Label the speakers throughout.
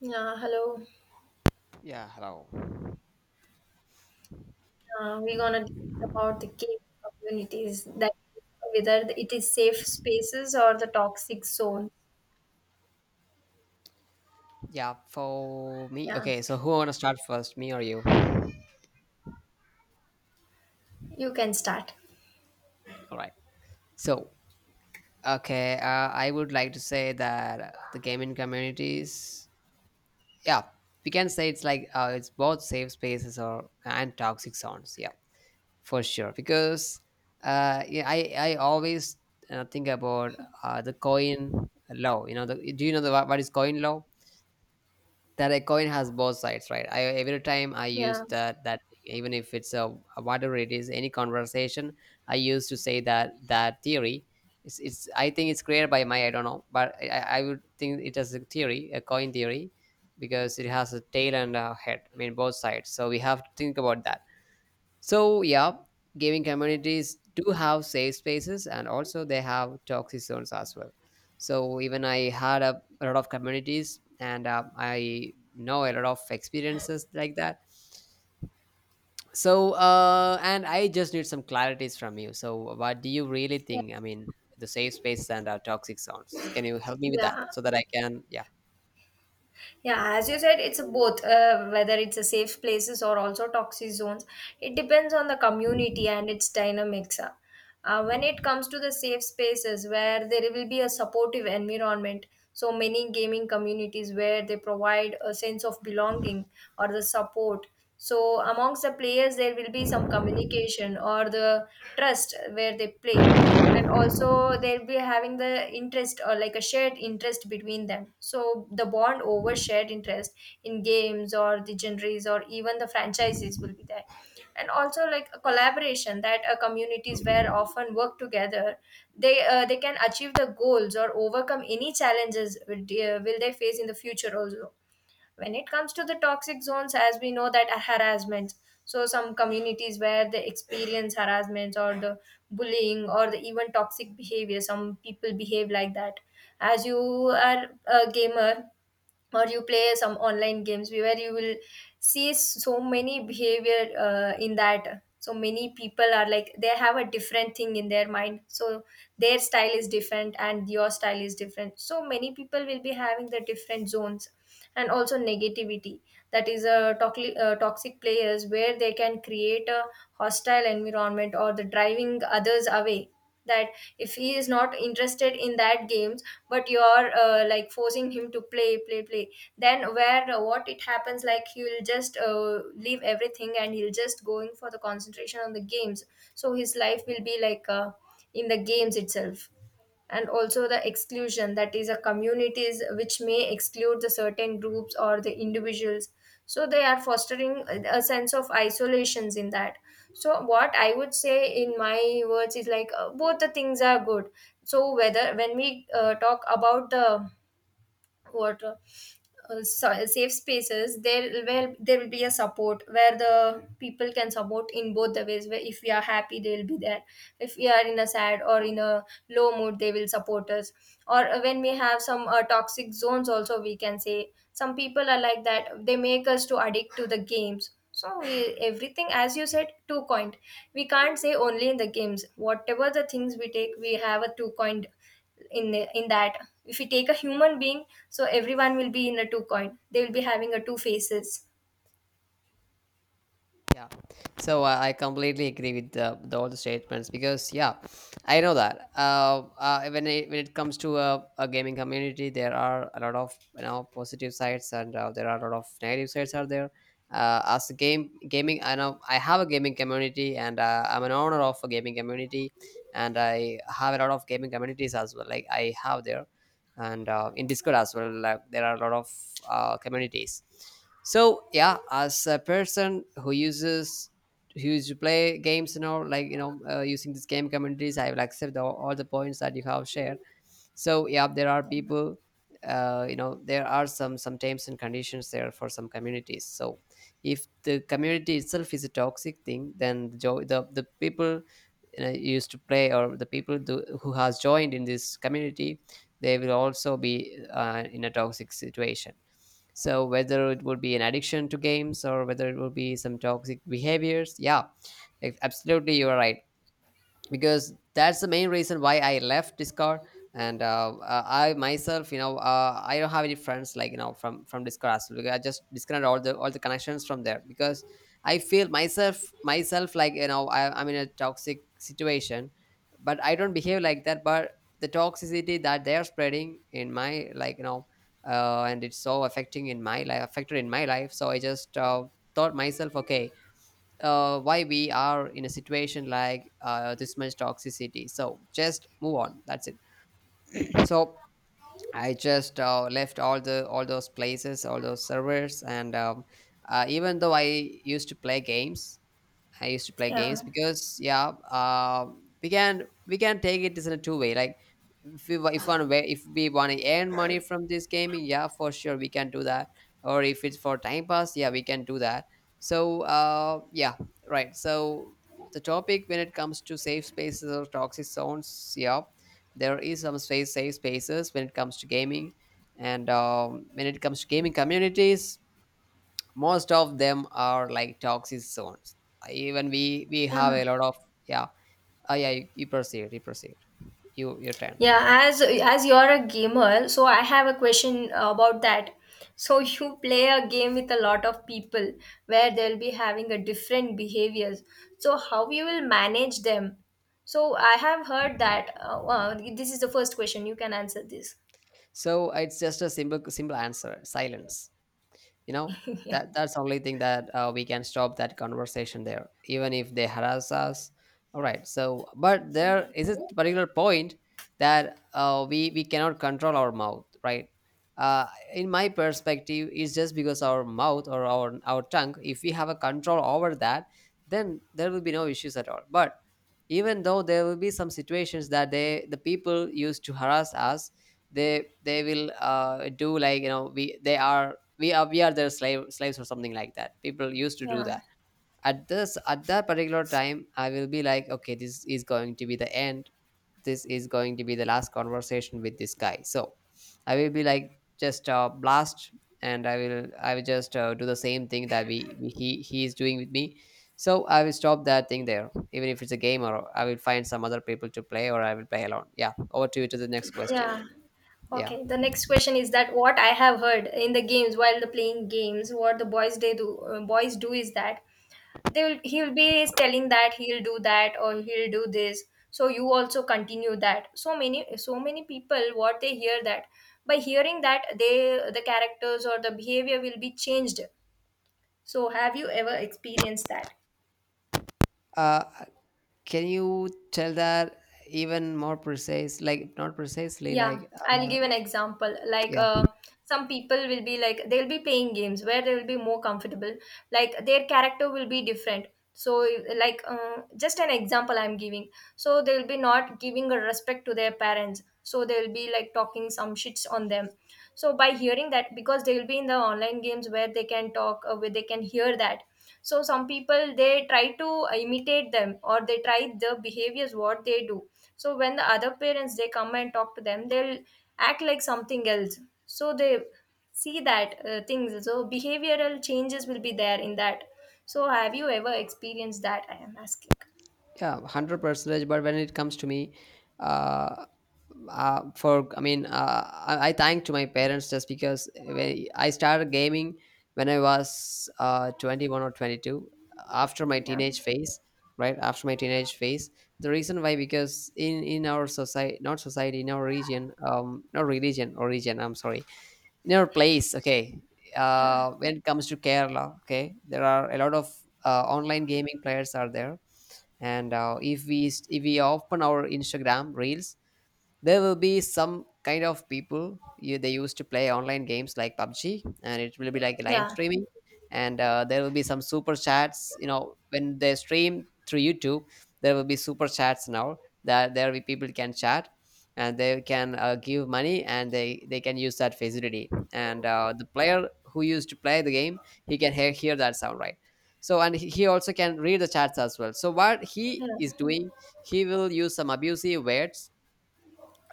Speaker 1: Yeah, hello.
Speaker 2: Yeah, hello.
Speaker 1: We're gonna discuss about the cave communities that whether it is safe spaces or the toxic zone.
Speaker 2: Yeah, for me.
Speaker 1: Yeah,
Speaker 2: Okay, so who want to start first, me or you?
Speaker 1: you can start.
Speaker 2: All right. So, okay, I would like to say that the gaming communities, yeah, we can say it's like it's both safe spaces or and toxic zones. Yeah, for sure. Because yeah, I always think about the coin law. You know, do you know the what is coin law? That a coin has both sides, right? I every time I use
Speaker 1: Yeah,
Speaker 2: that thing, even if it's a whatever it is any conversation, I used to say that that theory. It's I think it's created by my, I don't know, I would think it as a theory, a coin theory, because it has a tail and a head, I mean both sides, so we have to think about that. So, yeah, gaming communities do have safe spaces and also they have toxic zones as well. So, even I had a lot of communities and I know a lot of experiences like that. So, and I just need some clarities from you. So, what do you really
Speaker 1: yeah,
Speaker 2: think? I mean, the safe spaces and our toxic zones. Can you help me with that
Speaker 1: yeah.
Speaker 2: so that I can, yeah?
Speaker 1: Yeah, as you said, it's a both whether it's a safe places or also toxic zones. It depends on the community and its dynamics. When it comes to the safe spaces where there will be a supportive environment, so many gaming communities where they provide a sense of belonging or the support. So amongst the players, there will be some communication or the trust where they play, and also they'll be having the interest or like a shared interest between them, so the bond over shared interest in games or the genres or even the franchises will be there, and also like a collaboration that communities where often work together, they can achieve the goals or overcome any challenges will they face in the future also. When it comes to the toxic zones, as we know that are harassments, so some communities where they experience harassments or the bullying or the even toxic behavior, some people behave like that. As you are a gamer or you play some online games, where you will see so many behavior in that, so many people are like they have a different thing in their mind, so their style is different and your style is different, so many people will be having the different zones. And also negativity, that is a toxic toxic players where they can create a hostile environment or the driving others away, that if he is not interested in that games but you're like forcing him to play play play, then where what it happens like he will just leave everything and he'll just going for the concentration on the games, so his life will be like in the games itself. And also the exclusion, that is a communities which may exclude the certain groups or the individuals, so they are fostering a sense of isolations in that. So what I would say in my words is like, both the things are good. So whether when we talk about the what, safe spaces, there will be a support where the people can support in both the ways, where if we are happy they will be there, if we are in a sad or in a low mood they will support us. Or when we have some toxic zones also, we can say some people are like that they make us to addict to the games. So we, everything as you said two coin, we can't say only in the games, whatever the things we take we have a two coin in that. If we take a human being, so everyone will be in a two coin, they will be having a two faces.
Speaker 2: Yeah, so I completely agree with the all the statements because yeah, I know that when when it comes to a gaming community, there are a lot of you know positive sides and there are a lot of negative sides are there. As a game gaming, I know I have a gaming community and I'm an owner of a gaming community, and I have a lot of gaming communities as well. Like I have there, and in Discord as well, like there are a lot of communities. So yeah, as a person who uses who used to play games and all, like you know, using this game communities, I will accept all the points that you have shared. So yeah, there are people, you know, there are some terms and conditions there for some communities. So if the community itself is a toxic thing, then the people, you know, used to play, or the people do, who has joined in this community, they will also be in a toxic situation. So whether it would be an addiction to games or whether it would be some toxic behaviors, yeah, absolutely you are right, because that's the main reason why I left Discord. And I myself, you know, I don't have any friends like you know, from Discord, as well. I just disconnected all the connections from there because I feel myself like you know, I'm in a toxic situation, but I don't behave like that. But the toxicity that they are spreading in my, like you know, and it's so affecting in my life, affected in my life. So I just thought myself, okay, why we are in a situation like this much toxicity, so just move on, that's it. So I just left all those places, all those servers, and even though I used to play games. I used to play
Speaker 1: yeah
Speaker 2: games because yeah, we can take it as in a two way. Like if one way, if we want to earn money from this gaming, yeah, for sure we can do that. Or if it's for time pass, yeah, we can do that. So yeah, right. So the topic when it comes to safe spaces or toxic zones, yeah, there is some space safe spaces when it comes to gaming, and when it comes to gaming communities, most of them are like toxic zones. Even we have
Speaker 1: yeah
Speaker 2: a lot of yeah. Yeah, you proceed, you your turn.
Speaker 1: yeah As you're a gamer, so I have a question about that. So you play a game with a lot of people where they'll be having a different behaviors, so how you will manage them. So I have heard that this is the first question, you can answer this.
Speaker 2: So it's just a simple answer, silence. You know,
Speaker 1: yeah
Speaker 2: that that's the only thing that we can stop that conversation there, even if they harass us. All right, so but there is a particular point that we cannot control our mouth, right? uh, in my perspective, it's just because our mouth or our tongue, if we have a control over that, then there will be no issues at all. But even though there will be some situations that they the people used to harass us, they will do, like you know, we they are, we are their slaves or something like that, people used to do
Speaker 1: yeah.
Speaker 2: that. At this at that particular time, I will be like, okay, this is going to be the end, this is going to be the last conversation with this guy. So I will be like, just blast, and I will just do the same thing that we he is doing with me. So I will stop that thing there, even if it's a game, or I will find some other people to play, or I will play alone. Yeah, over to you, to the next question.
Speaker 1: Yeah.
Speaker 2: Yeah,
Speaker 1: Okay. The next question is that what I have heard in the games while the playing games, what the boys they do, boys do is that they will he'll be telling that he'll do that or he'll do this. So you also continue that. So many so many people what they hear that, by hearing that, they the characters or the behavior will be changed. So have you ever experienced that?
Speaker 2: uh, can you tell that even more precise? Like not precisely,
Speaker 1: Yeah,
Speaker 2: like
Speaker 1: I'll
Speaker 2: uh,
Speaker 1: give an example.
Speaker 2: yeah,
Speaker 1: Some people will be like, they'll be playing games where they will be more comfortable. Like, their character will be different. So, just an example I'm giving. So, they'll be not giving a respect to their parents. So, they'll be like talking some shits on them. So, by hearing that, because they'll be in the online games where they can talk, where they can hear that. So, some people they try to imitate them or they try the behaviors what they do. So when the other parents they come and talk to them, they'll act like something else, so they see that things, so behavioral changes will be there in that. So have you ever experienced that, I am asking?
Speaker 2: yeah, 100% percentage. But when it comes to me, uh, for I mean, I thank to my parents just because when I started gaming, when I was 21 or 22, after my
Speaker 1: yeah
Speaker 2: teenage phase. Right after my teenage phase, the reason why, because in our society, not society, in our region, not religion, or region, I'm sorry, in our place, okay,
Speaker 1: yeah
Speaker 2: when it comes to Kerala, okay, there are a lot of online gaming players are there. And if we open our Instagram reels, there will be some kind of people, you, they used to play online games like PUBG, and it will be like live
Speaker 1: yeah
Speaker 2: streaming, and there will be some super chats. You know, when they stream through YouTube, there will be super chats now that there will be people can chat, and they can give money, and they can use that facility. And the player who used to play the game, he can hear that sound, right? So and he also can read the chats as well. So what he
Speaker 1: yeah
Speaker 2: is doing, he will use some abusive words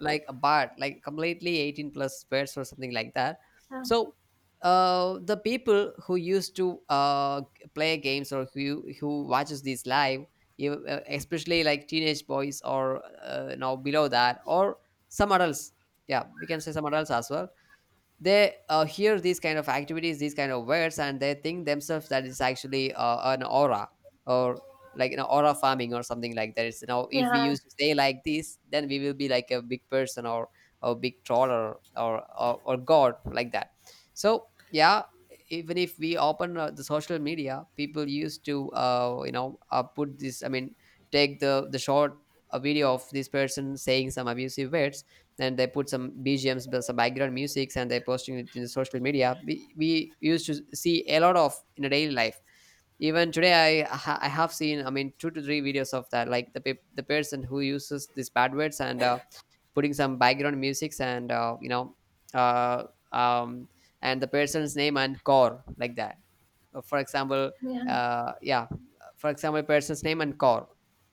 Speaker 2: like a bar, like completely 18 plus words or something like that. So the people who used to play games or who watches these live, especially like teenage boys or now below that, or some adults, yeah, we can say some adults as well, they hear these kind of activities, these kind of words, and they think themselves that it's actually an aura or like an aura farming or something like that. It's you know, if we
Speaker 1: yeah
Speaker 2: used to say like this, then we will be like a big person or a big troll, or god like that. So yeah, even if we open the social media, people used to you know, put this, I mean take the short a video of this person saying some abusive words, and they put some BGMs, but some background musics, and they're posting it in the social media. We used to see a lot of in a daily life. Even today, I have seen, I mean, two to three videos of that, like the person who uses these bad words and putting some background musics and uh, um, and the person's name and core, like that. Uh, for example,
Speaker 1: yeah yeah,
Speaker 2: yeah, for example, person's name and core,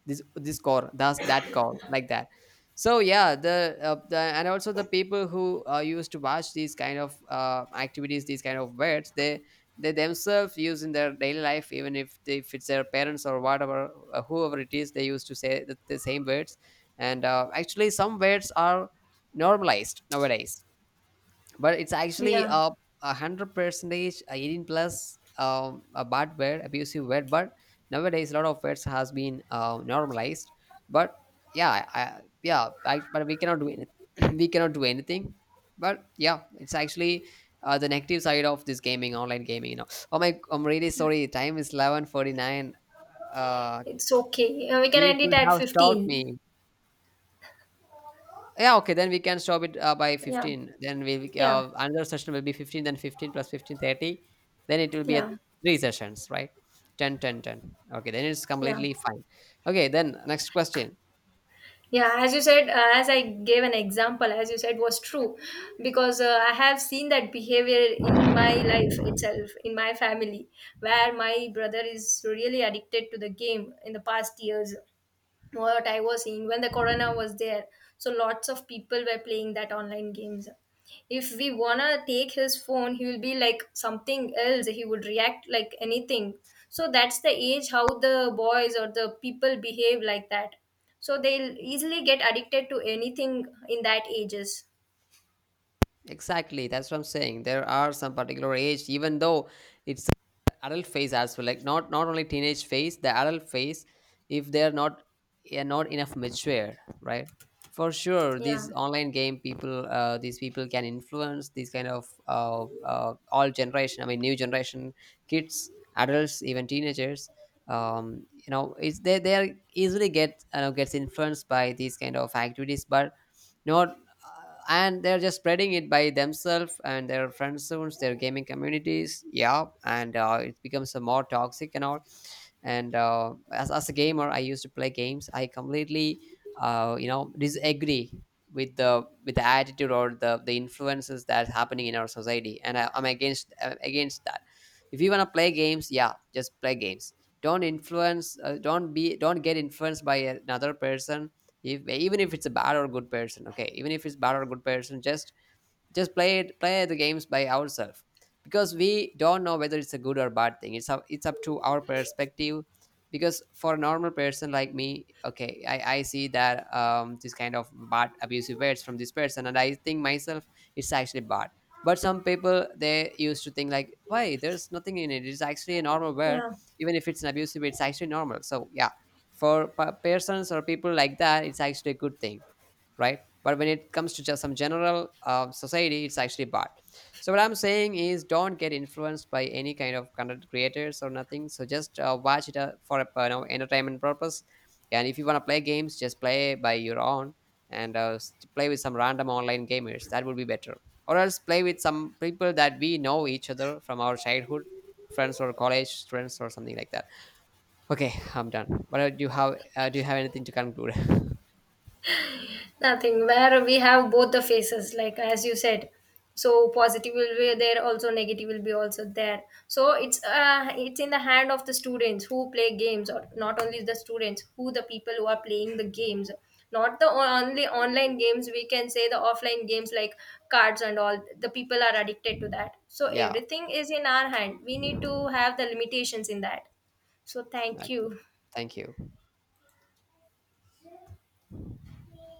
Speaker 2: this core, that's that core, like that. So yeah, the and also the people who used to watch these kind of activities, these kind of words, they themselves use in their daily life, even if they, if it's their parents or whatever, whoever it is, they used to say the same words. And actually, some words are normalized nowadays, but it's actually
Speaker 1: yeah.
Speaker 2: a hundred percentage 18 plus a bad word, abusive word. But nowadays, a lot of words has been normalized. But yeah, yeah, I, but we cannot do anything. We cannot do anything. But yeah, it's actually the negative side of this gaming, online gaming, you know. Oh my, I'm really sorry. Time is 11:49. Uh,
Speaker 1: It's okay. We can
Speaker 2: you
Speaker 1: end it
Speaker 2: could
Speaker 1: at
Speaker 2: have stopped
Speaker 1: 15.
Speaker 2: me. Yeah, okay, then we can stop it by
Speaker 1: yeah
Speaker 2: 15. Then
Speaker 1: yeah
Speaker 2: another session will be 15, then 15 plus 15, 30. Then it will be at
Speaker 1: yeah
Speaker 2: three sessions, right? 10, 10, 10. Okay, then it's
Speaker 1: yeah
Speaker 2: completely fine. Okay, then next question.
Speaker 1: yeah As you said, as I gave an example, as you said was true, because I have seen that behavior in my life itself, in my family, where my brother is really addicted to the game in the past years. What I was seeing when the corona was there, so lots of people were playing that online games. If we wanna take his phone, he will be like something else. He would react like anything. So that's the age how the boys or the people behave like that. So they'll easily get addicted to anything in that ages.
Speaker 2: Exactly, that's what I'm saying. There are some particular age, even though it's adult phase as well, like not only teenage phase, the adult phase, if they're not, yeah, not enough mature, right? For sure
Speaker 1: Yeah.
Speaker 2: these online game people, these people can influence these kind of all generation, I mean new generation, kids, adults, even teenagers, you know, it's they are easily get, you know, gets influenced by these kind of activities. But you know, and they're just spreading it by themselves and their friend zones, their gaming communities, yeah, and it becomes a more toxic and all. And as a gamer, I used to play games, I completely you know, disagree with the, with the attitude or the influences that's happening in our society, and I'm against that. If you want to play games, yeah, just play games. Don't influence, don't get influenced by another person. If even if it's a bad or good person, okay, even if it's bad or good person, just play it, play the games by ourselves, because we don't know whether it's a good or bad thing. It's up to our perspective, because for a normal person like me, okay, I see that this kind of bad abusive words from this person, and I think myself, it's actually bad. But some people, they used to think like, why, there's nothing in it, it's actually a normal word,
Speaker 1: Yeah.
Speaker 2: even if it's an abusive, it's actually normal. So yeah, for persons or people like that, it's actually a good thing, right? But when it comes to just some general society, it's actually bad. So what I'm saying is, don't get influenced by any kind of content creators or nothing. So just watch it for a, you know, entertainment purpose. And if you want to play games, just play by your own and play with some random online gamers. That would be better. Or else play with some people that we know each other from our childhood, friends or college students or something like that. Okay, I'm done. What do you have? Do you have anything to conclude?
Speaker 1: Nothing, where we have both the faces, like as you said. So positive will be there, also negative will be also there. So it's in the hand of the students who play games, or not only the students, who the people who are playing the games, not the only online games, we can say the offline games like cards and all, the people are addicted to that. So
Speaker 2: Yeah.
Speaker 1: everything is in our hand, we need to have the limitations in that. So
Speaker 2: Okay.
Speaker 1: thank you.
Speaker 2: Thank you.